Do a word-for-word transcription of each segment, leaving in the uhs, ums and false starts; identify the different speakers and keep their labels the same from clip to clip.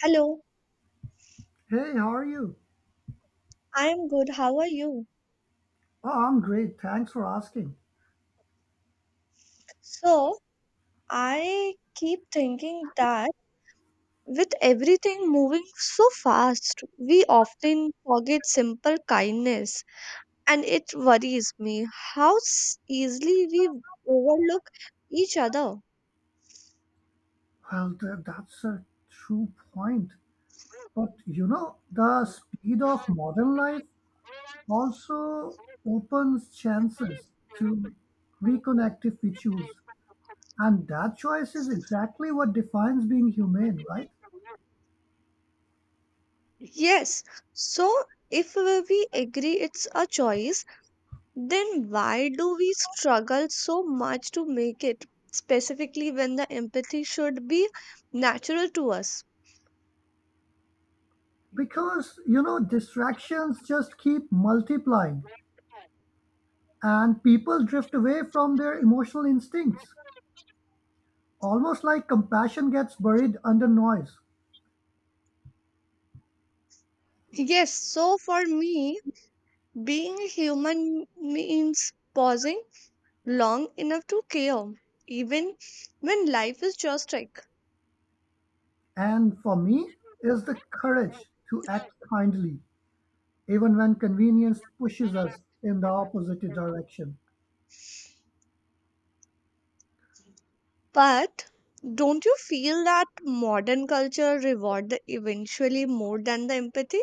Speaker 1: Hello,
Speaker 2: Hey, how are you?
Speaker 1: I am good. How are you?
Speaker 2: Oh, I'm great. Thanks for asking.
Speaker 1: So, I keep thinking that with everything moving so fast, we often forget simple kindness, and it worries me how s- easily we overlook each other.
Speaker 2: Well, th- that's a true point. But you know, the speed of modern life also opens chances to reconnect if we choose. And that choice is exactly what defines being humane, right?
Speaker 1: Yes, so if we agree it's a choice, then why do we struggle so much to make it, specifically when the empathy should be natural to us?
Speaker 2: Because, you know, distractions just keep multiplying and people drift away from their emotional instincts, almost like compassion gets buried under noise.
Speaker 1: Yes, so for me, being a human means pausing long enough to care, even when life is just like.
Speaker 2: And for me, is the courage to act kindly, even when convenience pushes us in the opposite direction.
Speaker 1: But don't you feel that modern culture reward the eventually more than the empathy?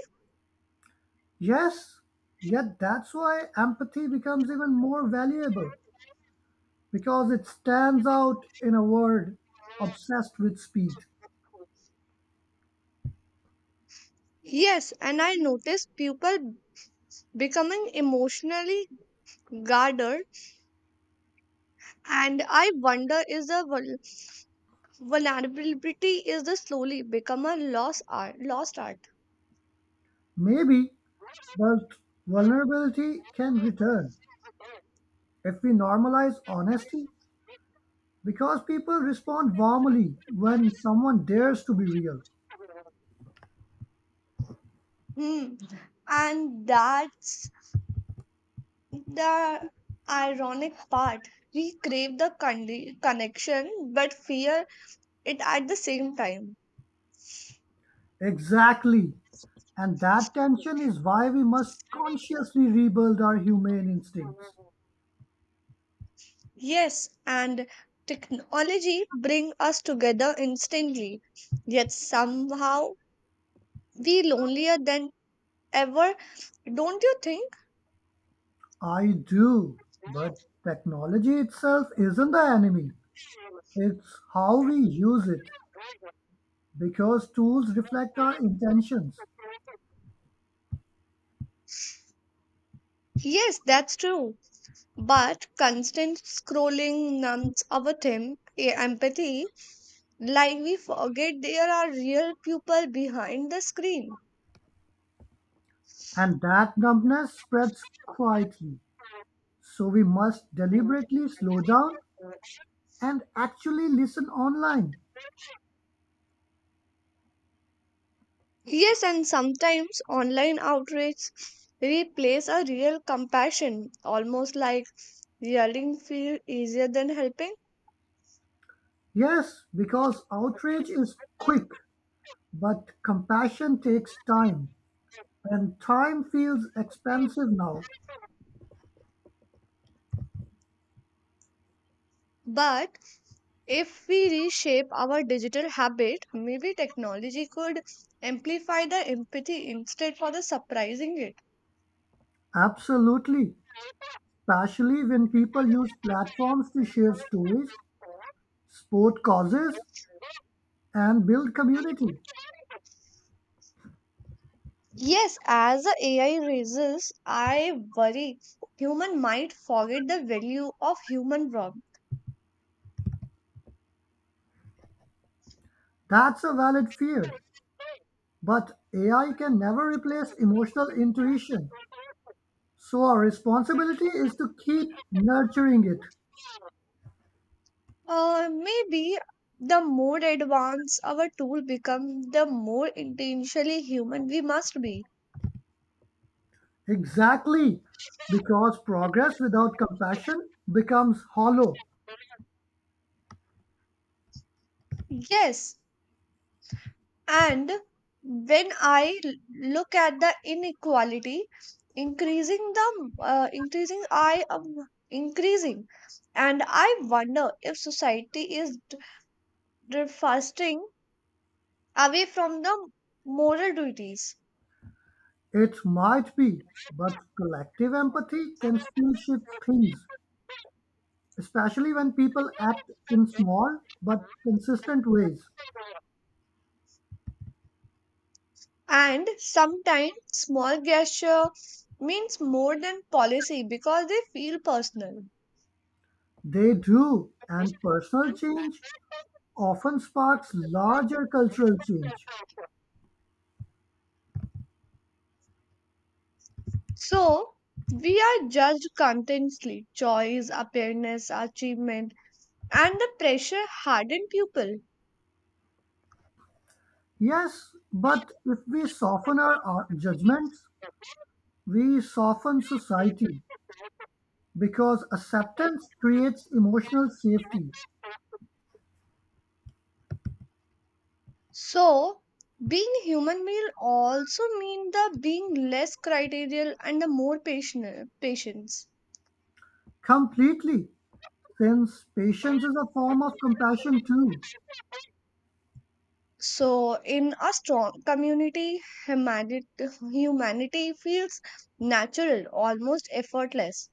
Speaker 2: Yes, yet that's why empathy becomes even more valuable because it stands out in a world obsessed with speed.
Speaker 1: Yes, and I notice people becoming emotionally gardered and I wonder is the vul- vulnerability is the slowly become a lost art lost art.
Speaker 2: Maybe, but vulnerability can return if we normalize honesty because people respond warmly when someone dares to be real.
Speaker 1: Hmm. And that's the ironic part, we crave the condi- connection but fear it at the same time.
Speaker 2: Exactly. And that tension is why we must consciously rebuild our humane instincts.
Speaker 1: Yes, and technology bring us together instantly yet somehow we lonelier than ever, don't you think?
Speaker 2: I do, but technology itself isn't the enemy. It's how we use it, because tools reflect our intentions,
Speaker 1: Yes, that's true. But constant scrolling numbs our tem- eh, empathy, like we forget there are real people behind the screen.
Speaker 2: and that numbness spreads quietly. So we must deliberately slow down and actually listen online.
Speaker 1: Yes, and sometimes online outrage replace a real compassion, almost like yelling feel easier than helping.
Speaker 2: Yes, because outrage is quick, but compassion takes time. And time feels expensive now.
Speaker 1: But if we reshape our digital habit, maybe technology could amplify the empathy instead for the surprising it.
Speaker 2: Absolutely. Especially when people use platforms to share stories, support causes, and build community.
Speaker 1: Yes, as the A I raises, I worry human might forget the value of human work.
Speaker 2: That's a valid fear. But A I can never replace emotional intuition. So our responsibility is to keep nurturing it.
Speaker 1: Uh, maybe the more advanced our tool become, the more intentionally human we must be.
Speaker 2: Exactly. Because progress without compassion becomes hollow.
Speaker 1: Yes, and when I l- look at the inequality, increasing the uh, increasing I um, increasing, and I wonder if society is d- d- fasting away from the moral duties.
Speaker 2: It might be, but collective empathy can still shift things, especially when people act in small but consistent ways.
Speaker 1: And sometimes small gesture means more than policy because they feel personal.
Speaker 2: They do, and personal change often sparks larger cultural change.
Speaker 1: So we are judged constantly. Choice, appearance, achievement, and the pressure harden people.
Speaker 2: Yes, but if we soften our, our judgments, we soften society because acceptance creates emotional safety
Speaker 1: So being human will also mean the being less criterial and the more patient patience.
Speaker 2: completely, since patience is a form of compassion too.
Speaker 1: So, in a strong community, humanity, humanity feels natural, almost effortless.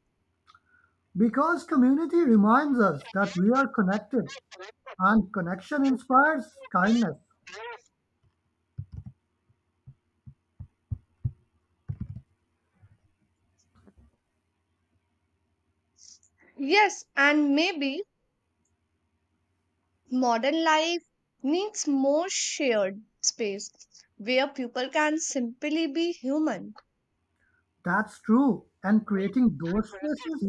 Speaker 2: Because community reminds us that we are connected and connection inspires kindness.
Speaker 1: Yes, and maybe modern life needs more shared space where people can simply be human.
Speaker 2: That's true. And creating those spaces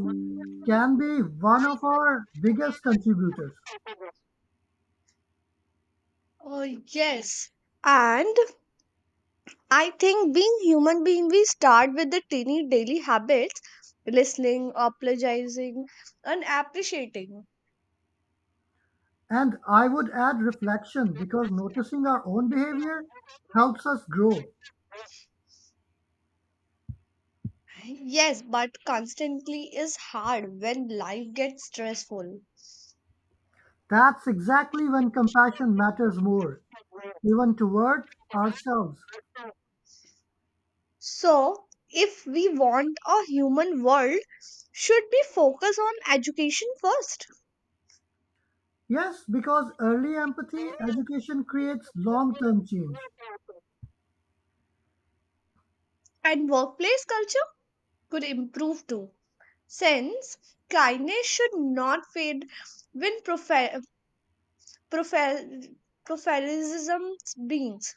Speaker 2: can be one of our biggest contributors.
Speaker 1: Oh, yes. And I think being human being, we start with the teeny daily habits, listening, apologizing, and appreciating.
Speaker 2: And I would add reflection because noticing our own behavior helps us grow.
Speaker 1: Yes, but constantly is hard when life gets stressful.
Speaker 2: That's exactly when compassion matters more, even toward ourselves.
Speaker 1: So, if we want a human world, should we focus on education first?
Speaker 2: Yes, because early empathy education creates long term change.
Speaker 1: And workplace culture could improve too. Since kindness should not fade when profe- profe- professionalism beans.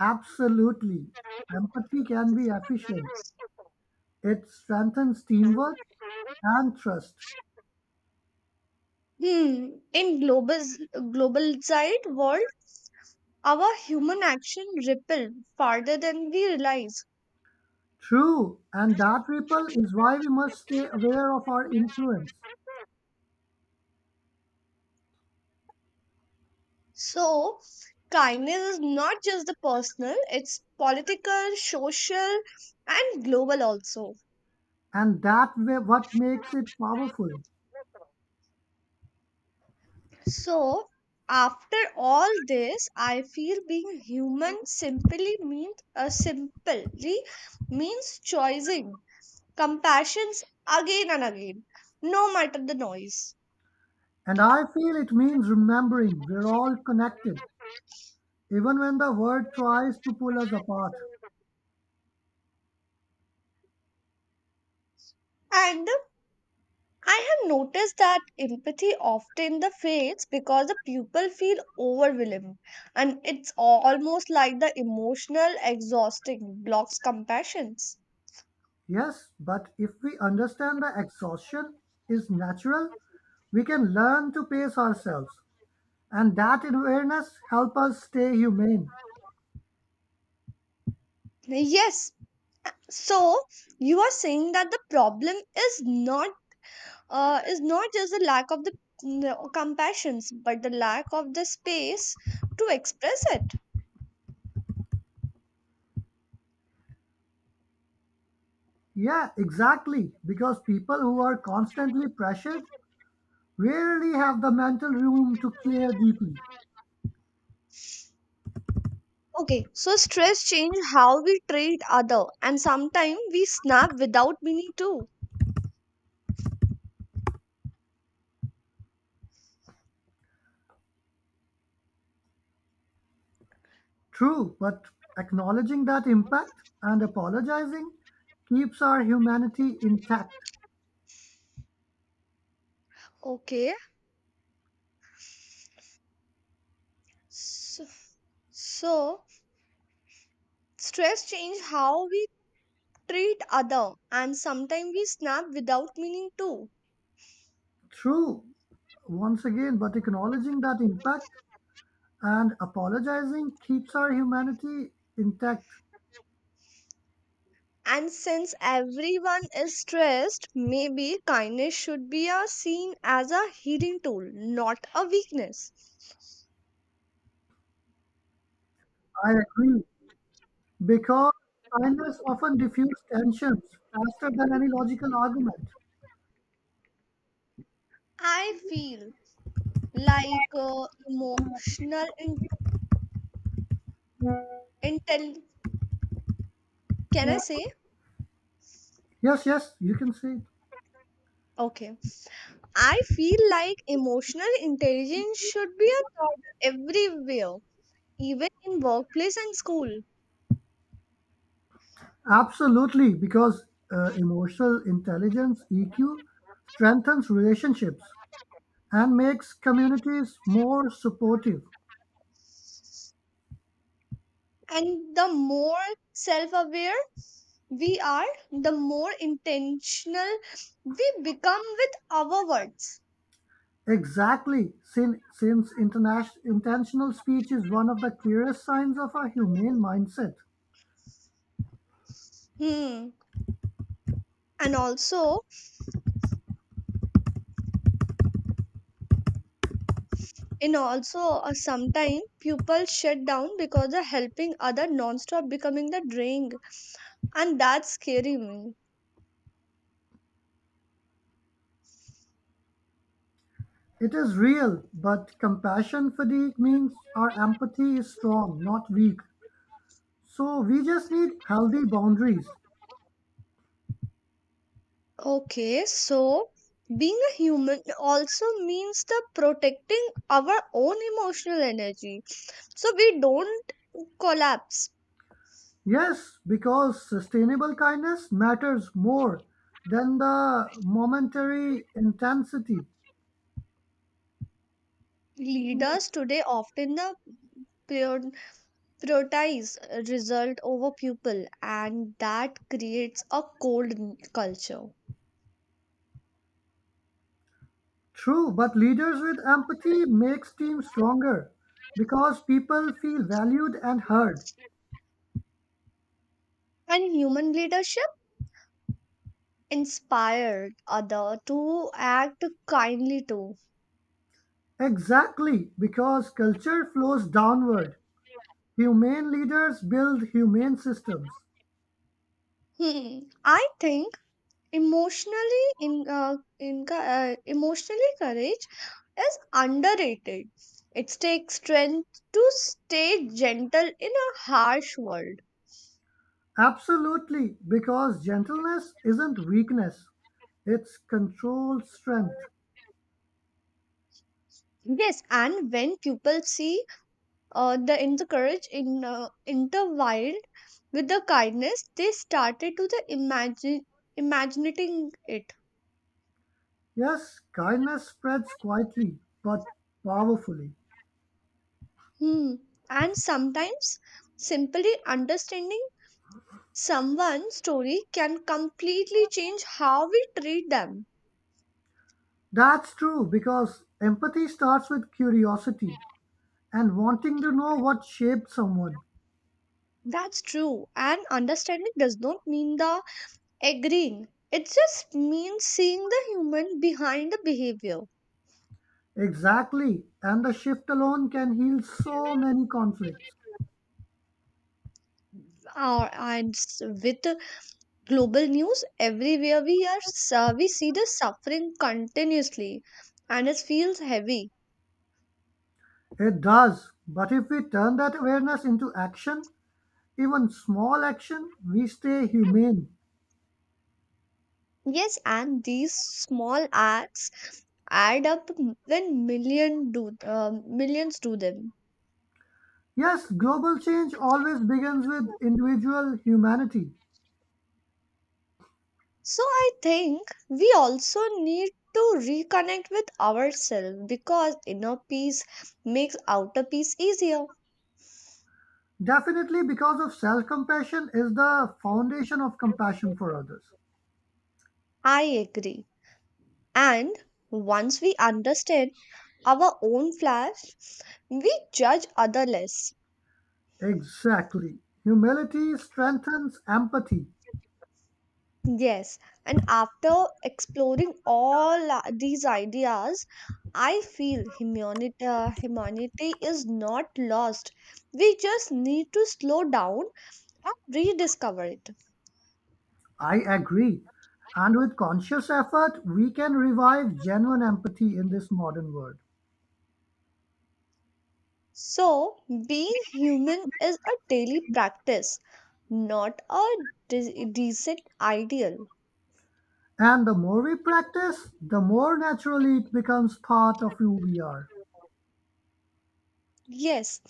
Speaker 2: Absolutely. Empathy can be efficient, it strengthens teamwork and trust.
Speaker 1: Hmm. In global globalized world, our human action ripple farther than we realize.
Speaker 2: True, and that ripple is why we must stay aware of our influence,
Speaker 1: So, kindness is not just the personal, it's political, social, and global also.
Speaker 2: and that way what makes it powerful.
Speaker 1: So, after all this, I feel being human simply means uh, simply means choosing compassions again and again, no matter the noise.
Speaker 2: And I feel it means remembering we're all connected, even when the world tries to pull us apart.
Speaker 1: And I have noticed that empathy often the fades because the people feel overwhelmed and it's almost like the emotional exhausting blocks compassions.
Speaker 2: Yes, but if we understand that exhaustion is natural, we can learn to pace ourselves, and that awareness help us stay humane.
Speaker 1: Yes. So you are saying that the problem is not uh, is not just the lack of the mm, compassions but the lack of the space to express it.
Speaker 2: Yeah, exactly, because people who are constantly pressured rarely have the mental room to clear deeply.
Speaker 1: Okay, so stress change how we treat other and sometimes we snap without meaning too.
Speaker 2: True, but acknowledging that impact and apologizing keeps our humanity intact.
Speaker 1: Okay, So, so stress change how we treat other and sometimes we snap without meaning to.
Speaker 2: True, once again, but acknowledging that impact and apologizing keeps our humanity intact.
Speaker 1: And since everyone is stressed, maybe kindness should be a seen as a healing tool, not a weakness.
Speaker 2: I agree. Because kindness often diffuses tensions faster than any logical argument.
Speaker 1: I feel like uh, emotional in- intel. Can I say?
Speaker 2: Yes, yes, you can say it.
Speaker 1: Okay. I feel like emotional intelligence should be a thought everywhere even in workplace and school.
Speaker 2: Absolutely, because uh, emotional intelligence (E Q) strengthens relationships and makes communities more supportive.
Speaker 1: And the more self aware we are, the more intentional we become with our words.
Speaker 2: Exactly, sin- since interna- intentional speech is one of the clearest signs of a humane mindset.
Speaker 1: Hmm. And also, in also uh, sometimes people shut down because of helping other non-stop becoming the drink, and that's scary me.
Speaker 2: It is real, but compassion fatigue means our empathy is strong, not weak. So we just need healthy boundaries.
Speaker 1: Okay, so being a human also means the protecting our own emotional energy so we don't collapse.
Speaker 2: Yes, because sustainable kindness matters more than the momentary intensity.
Speaker 1: Leaders today often the prior- prioritize result over people, and that creates a cold n- culture.
Speaker 2: True, but leaders with empathy makes teams stronger because people feel valued and heard.
Speaker 1: And human leadership inspired other to act kindly too.
Speaker 2: Exactly, because culture flows downward. Humane leaders build humane systems.
Speaker 1: Hmm. I think emotionally in, uh, in uh, emotionally courage is underrated, it takes strength to stay gentle in a harsh world.
Speaker 2: Absolutely, because gentleness isn't weakness, it's controlled strength.
Speaker 1: Yes, and when people see uh, the in the courage in uh, intertwined with the kindness they started to the imagine imagining it.
Speaker 2: Yes, kindness spreads quietly but powerfully.
Speaker 1: Hmm. And sometimes simply understanding someone's story can completely change how we treat them.
Speaker 2: That's true because empathy starts with curiosity and wanting to know what shaped someone.
Speaker 1: That's true. And understanding does not mean the agreeing. It just means seeing the human behind the behavior.
Speaker 2: Exactly, and the shift alone can heal so many conflicts.
Speaker 1: Uh, and s- with the global news everywhere, we are s- we see the suffering continuously, and it feels heavy.
Speaker 2: It does, but if we turn that awareness into action, even small action, we stay humane.
Speaker 1: Yes, and these small acts add up m- when million do um, millions do them.
Speaker 2: Yes, global change always begins with individual humanity.
Speaker 1: So I think we also need to reconnect with ourselves because inner peace makes outer peace easier.
Speaker 2: Definitely, because of self-compassion is the foundation of compassion for others.
Speaker 1: I agree. And once we understand our own flaws, we judge other less.
Speaker 2: Exactly. Humility strengthens empathy.
Speaker 1: Yes, and after exploring all uh, these ideas, I feel humanity, uh, humanity is not lost. We just need to slow down and rediscover it.
Speaker 2: I agree. And with conscious effort, we can revive genuine empathy in this modern world.
Speaker 1: So, being human is a daily practice, not a de- decent ideal.
Speaker 2: And the more we practice, the more naturally it becomes part of who we are.
Speaker 1: Yes,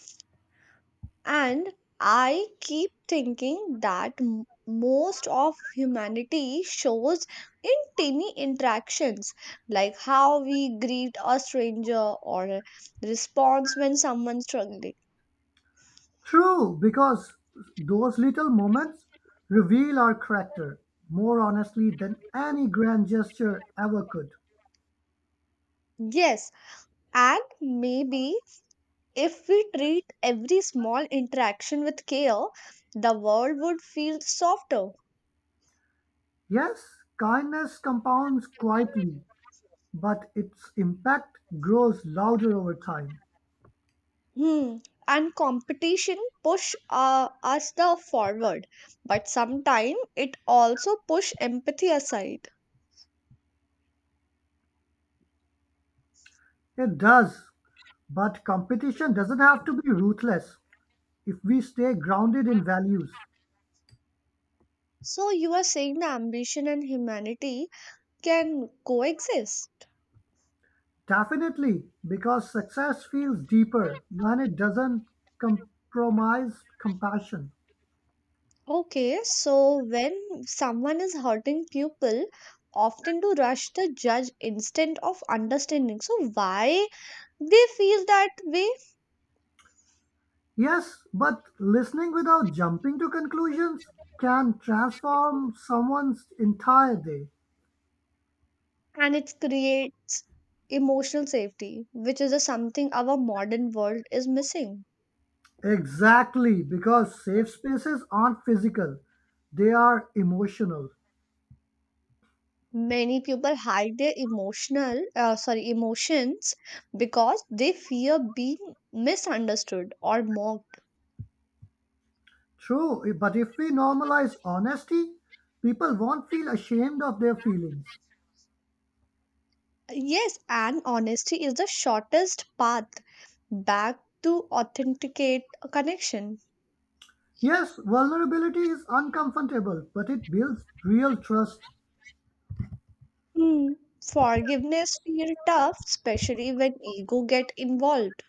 Speaker 1: and I keep thinking that m- most of humanity shows in tiny interactions, like how we greet a stranger or a response when someone's struggling.
Speaker 2: True, because those little moments reveal our character more honestly than any grand gesture ever could.
Speaker 1: Yes, and maybe if we treat every small interaction with care, the world would feel softer.
Speaker 2: Yes, kindness compounds quietly, but its impact grows louder over time.
Speaker 1: Hmm. And competition push uh, us the forward, but sometimes it also push empathy aside.
Speaker 2: It does. But competition doesn't have to be ruthless if we stay grounded in values.
Speaker 1: So you are saying the ambition and humanity can coexist.
Speaker 2: Definitely, because success feels deeper when it doesn't compromise compassion.
Speaker 1: Okay, so when someone is hurting people, often to rush the judge instead of understanding. So why they feel that way?
Speaker 2: Yes, but listening without jumping to conclusions can transform someone's entire day.
Speaker 1: And it creates emotional safety, which is a something our modern world is missing.
Speaker 2: Exactly, because safe spaces aren't physical, they are emotional.
Speaker 1: Many people hide their emotional, uh, sorry, emotions because they fear being misunderstood or mocked.
Speaker 2: True, but if we normalize honesty, people won't feel ashamed of their feelings.
Speaker 1: Yes, and honesty is the shortest path back to authenticate a connection.
Speaker 2: Yes, vulnerability is uncomfortable, but it builds real trust.
Speaker 1: Hmm. Forgiveness feels tough, especially when ego get involved,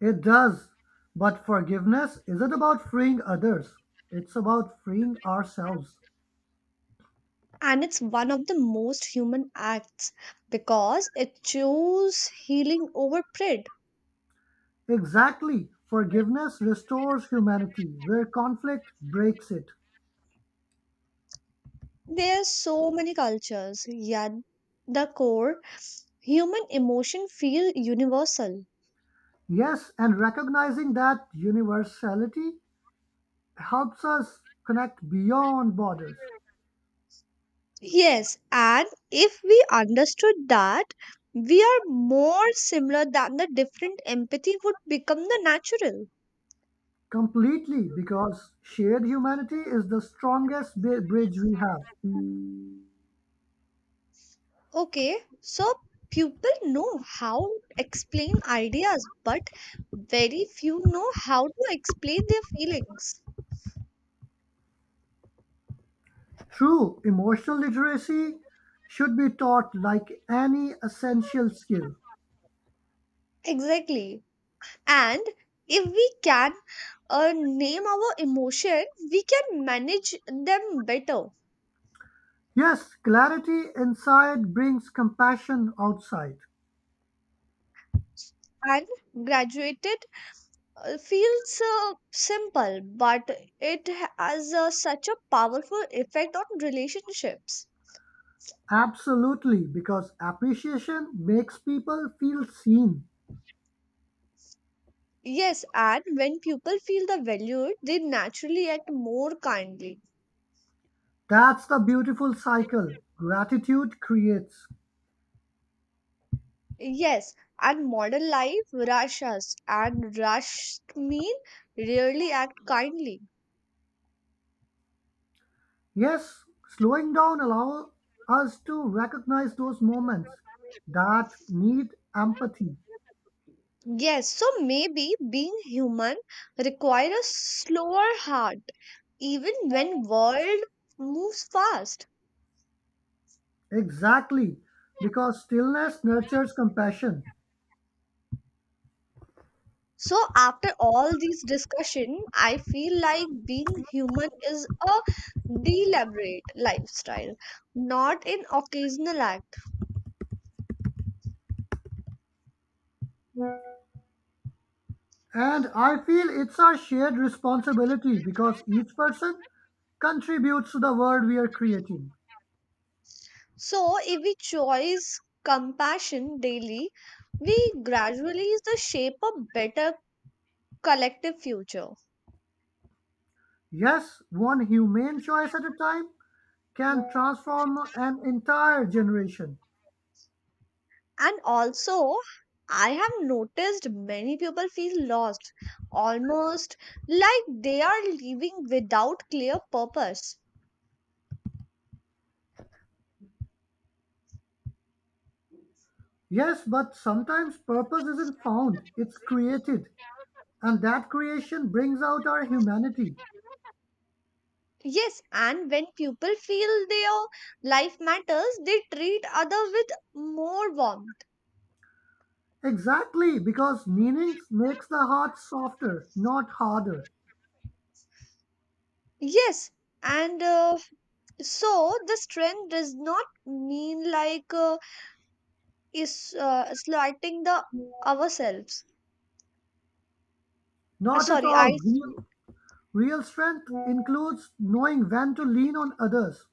Speaker 2: It does. But forgiveness isn't about freeing others, it's about freeing ourselves.
Speaker 1: and it's one of the most human acts because it chose healing over pride.
Speaker 2: Exactly. Forgiveness restores humanity where conflict breaks it.
Speaker 1: There are so many cultures yet the core human emotion feel universal.
Speaker 2: Yes, and recognizing that universality helps us connect beyond borders
Speaker 1: Yes, and if we understood that we are more similar than the different empathy would become the natural.
Speaker 2: completely because shared humanity is the strongest bi- bridge we have.
Speaker 1: Okay, so people know how to explain ideas but very few know how to explain their feelings.
Speaker 2: True, emotional literacy should be taught like any essential skill.
Speaker 1: Exactly. And if we can uh, name our emotion, we can manage them better.
Speaker 2: Yes, clarity inside brings compassion outside.
Speaker 1: And graduated uh, feels uh, simple, but it has uh, such a powerful effect on relationships.
Speaker 2: Absolutely, because appreciation makes people feel seen.
Speaker 1: Yes, and when people feel the value, they naturally act more kindly.
Speaker 2: That's the beautiful cycle gratitude creates.
Speaker 1: Yes, and modern life rush us, and rushed mean rarely act kindly.
Speaker 2: Yes, slowing down allows us to recognize those moments that need empathy.
Speaker 1: Yes, so maybe being human requires a slower heart, even when world moves fast.
Speaker 2: Exactly, because stillness nurtures compassion.
Speaker 1: So after all these discussion, I feel like being human is a deliberate lifestyle, not an occasional act.
Speaker 2: And I feel it's our shared responsibility because each person contributes to the world we are creating.
Speaker 1: So if we choose compassion daily, we gradually is the shape of better collective future.
Speaker 2: Yes, one humane choice at a time can transform an entire generation.
Speaker 1: And also, I have noticed many people feel lost, almost like they are living without clear purpose.
Speaker 2: Yes, but sometimes purpose isn't found, it's created. And that creation brings out our humanity.
Speaker 1: Yes, and when people feel their life matters, they treat other with more warmth.
Speaker 2: Exactly, because meaning makes the heart softer, not harder.
Speaker 1: Yes, and uh, so the strength does not mean like uh, is uh, slighting the ourselves. Uh,
Speaker 2: Not at
Speaker 1: Sorry,
Speaker 2: all.
Speaker 1: I.
Speaker 2: Real, real strength includes knowing when to lean on others.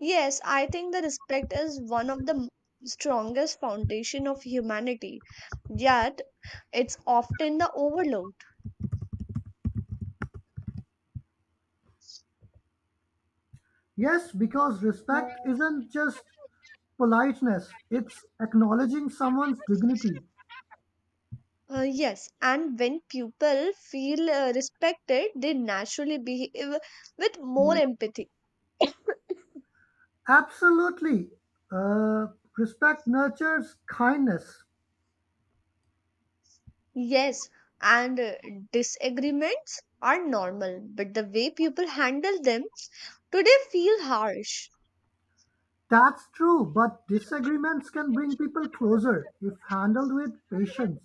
Speaker 1: Yes, I think the respect is one of the m- strongest foundation of humanity. Yet it's often the overlooked.
Speaker 2: Yes, because respect isn't just politeness, it's acknowledging someone's dignity.
Speaker 1: Uh, yes, and when people feel uh, respected, they naturally behave with more empathy.
Speaker 2: Absolutely. Uh, Respect nurtures kindness.
Speaker 1: Yes, and uh, disagreements are normal, but the way people handle them today feel harsh.
Speaker 2: That's true, but disagreements can bring people closer if handled with patience.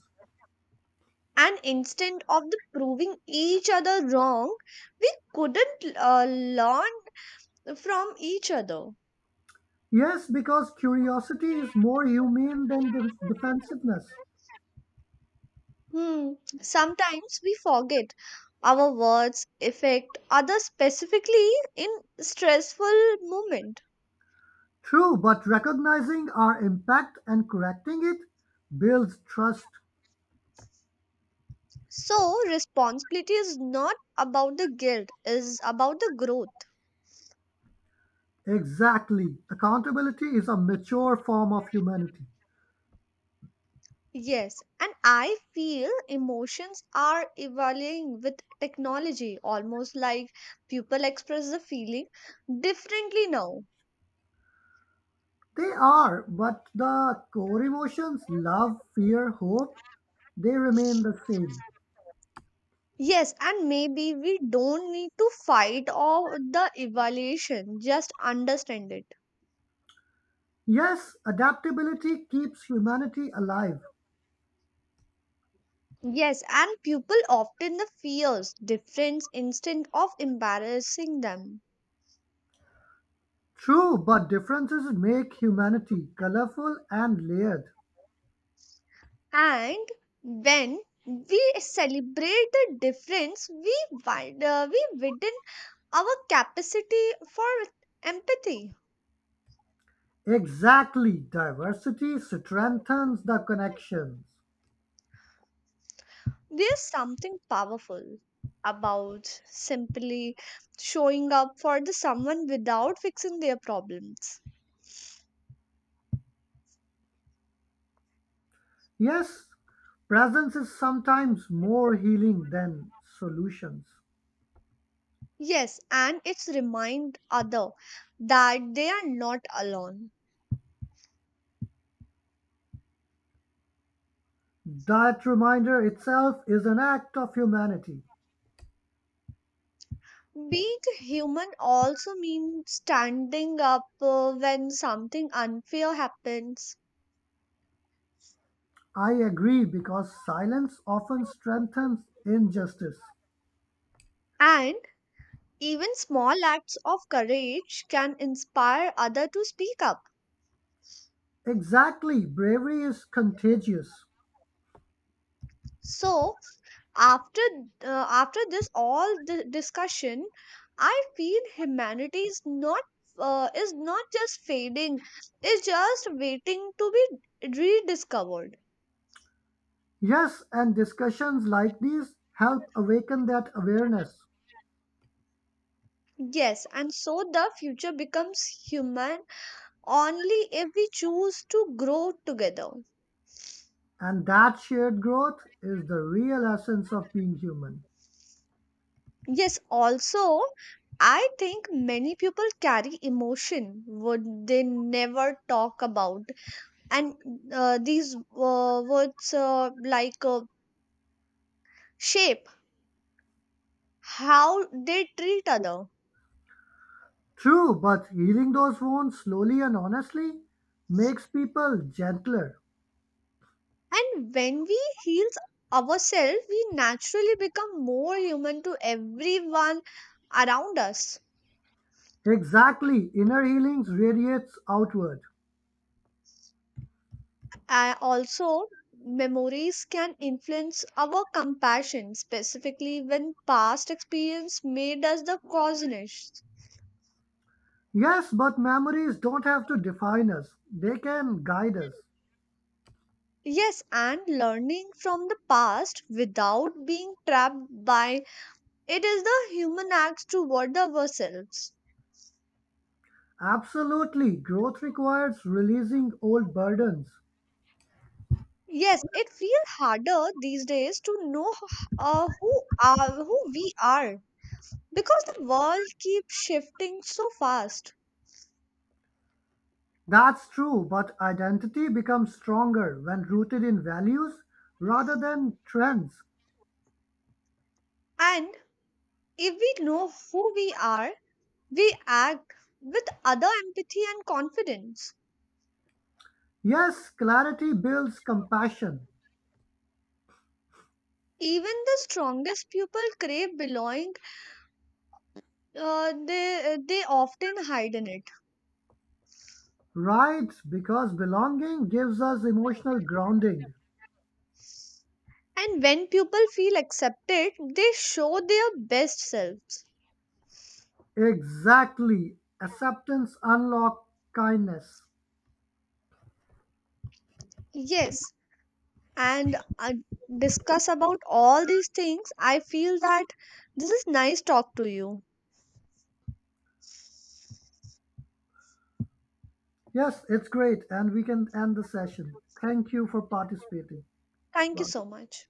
Speaker 1: And instead of the proving each other wrong, we couldn't uh, learn from each other.
Speaker 2: Yes, because curiosity is more humane than de- defensiveness.
Speaker 1: Hmm. Sometimes we forget our words affect others specifically in stressful moment.
Speaker 2: True, but recognizing our impact and correcting it builds trust.
Speaker 1: So responsibility is not about the guilt, is about the growth.
Speaker 2: Exactly. Accountability is a mature form of humanity.
Speaker 1: Yes, and I feel emotions are evolving with technology, almost like people express the feeling differently now.
Speaker 2: They are, but the core emotions, love, fear, hope, they remain the same.
Speaker 1: Yes, and maybe we don't need to fight or the evaluation, just understand it.
Speaker 2: Yes, adaptability keeps humanity alive.
Speaker 1: Yes, and people often the fears difference instead of embarrassing them.
Speaker 2: True, but differences make humanity colorful and layered.
Speaker 1: And when we celebrate the difference, we widen uh, we widen our capacity for empathy.
Speaker 2: Exactly. Diversity strengthens the connections.
Speaker 1: There's something powerful about simply showing up for the someone without fixing their problems.
Speaker 2: Yes, presence is sometimes more healing than solutions.
Speaker 1: Yes, and it's remind other that they are not alone.
Speaker 2: That reminder itself is an act of humanity.
Speaker 1: Being human also means standing up uh, when something unfair happens.
Speaker 2: I agree because silence often strengthens injustice.
Speaker 1: And even small acts of courage can inspire other to speak up.
Speaker 2: Exactly. Bravery is contagious.
Speaker 1: So, after uh, after this all the discussion, I feel humanity is not uh, is not just fading; it's just waiting to be rediscovered.
Speaker 2: Yes, and discussions like these help awaken that awareness.
Speaker 1: Yes, and so the future becomes human only if we choose to grow together.
Speaker 2: And that shared growth is the real essence of being human.
Speaker 1: Yes, also, I think many people carry emotion would they never talk about, and uh, these uh, words uh, like uh, shape how they treat other.
Speaker 2: True, but healing those wounds slowly and honestly makes people gentler.
Speaker 1: And when we heal ourselves, we naturally become more human to everyone around us.
Speaker 2: Exactly, inner healing radiates outward.
Speaker 1: Uh, also, memories can influence our compassion, specifically when past experience made us the cautionist.
Speaker 2: Yes, but memories don't have to define us, they can guide us.
Speaker 1: Yes, and learning from the past without being trapped by it is the human acts toward the ourselves.
Speaker 2: Absolutely, growth requires releasing old burdens.
Speaker 1: Yes, it feels harder these days to know h- uh, who are who we are because the world keeps shifting so fast.
Speaker 2: That's true, but identity becomes stronger when rooted in values rather than trends.
Speaker 1: And if we know who we are, we act with other empathy and confidence.
Speaker 2: Yes, clarity builds compassion.
Speaker 1: Even the strongest people crave belonging, uh, they, they often hide in it.
Speaker 2: Right, because belonging gives us emotional grounding.
Speaker 1: And when people feel accepted, they show their best selves.
Speaker 2: Exactly. Acceptance unlock kindness.
Speaker 1: Yes, and uh, discuss about all these things. I feel that this is nice talk to you.
Speaker 2: Yes, it's great and we can end the session. Thank you for participating.
Speaker 1: Thank you
Speaker 2: Bye.
Speaker 1: so much.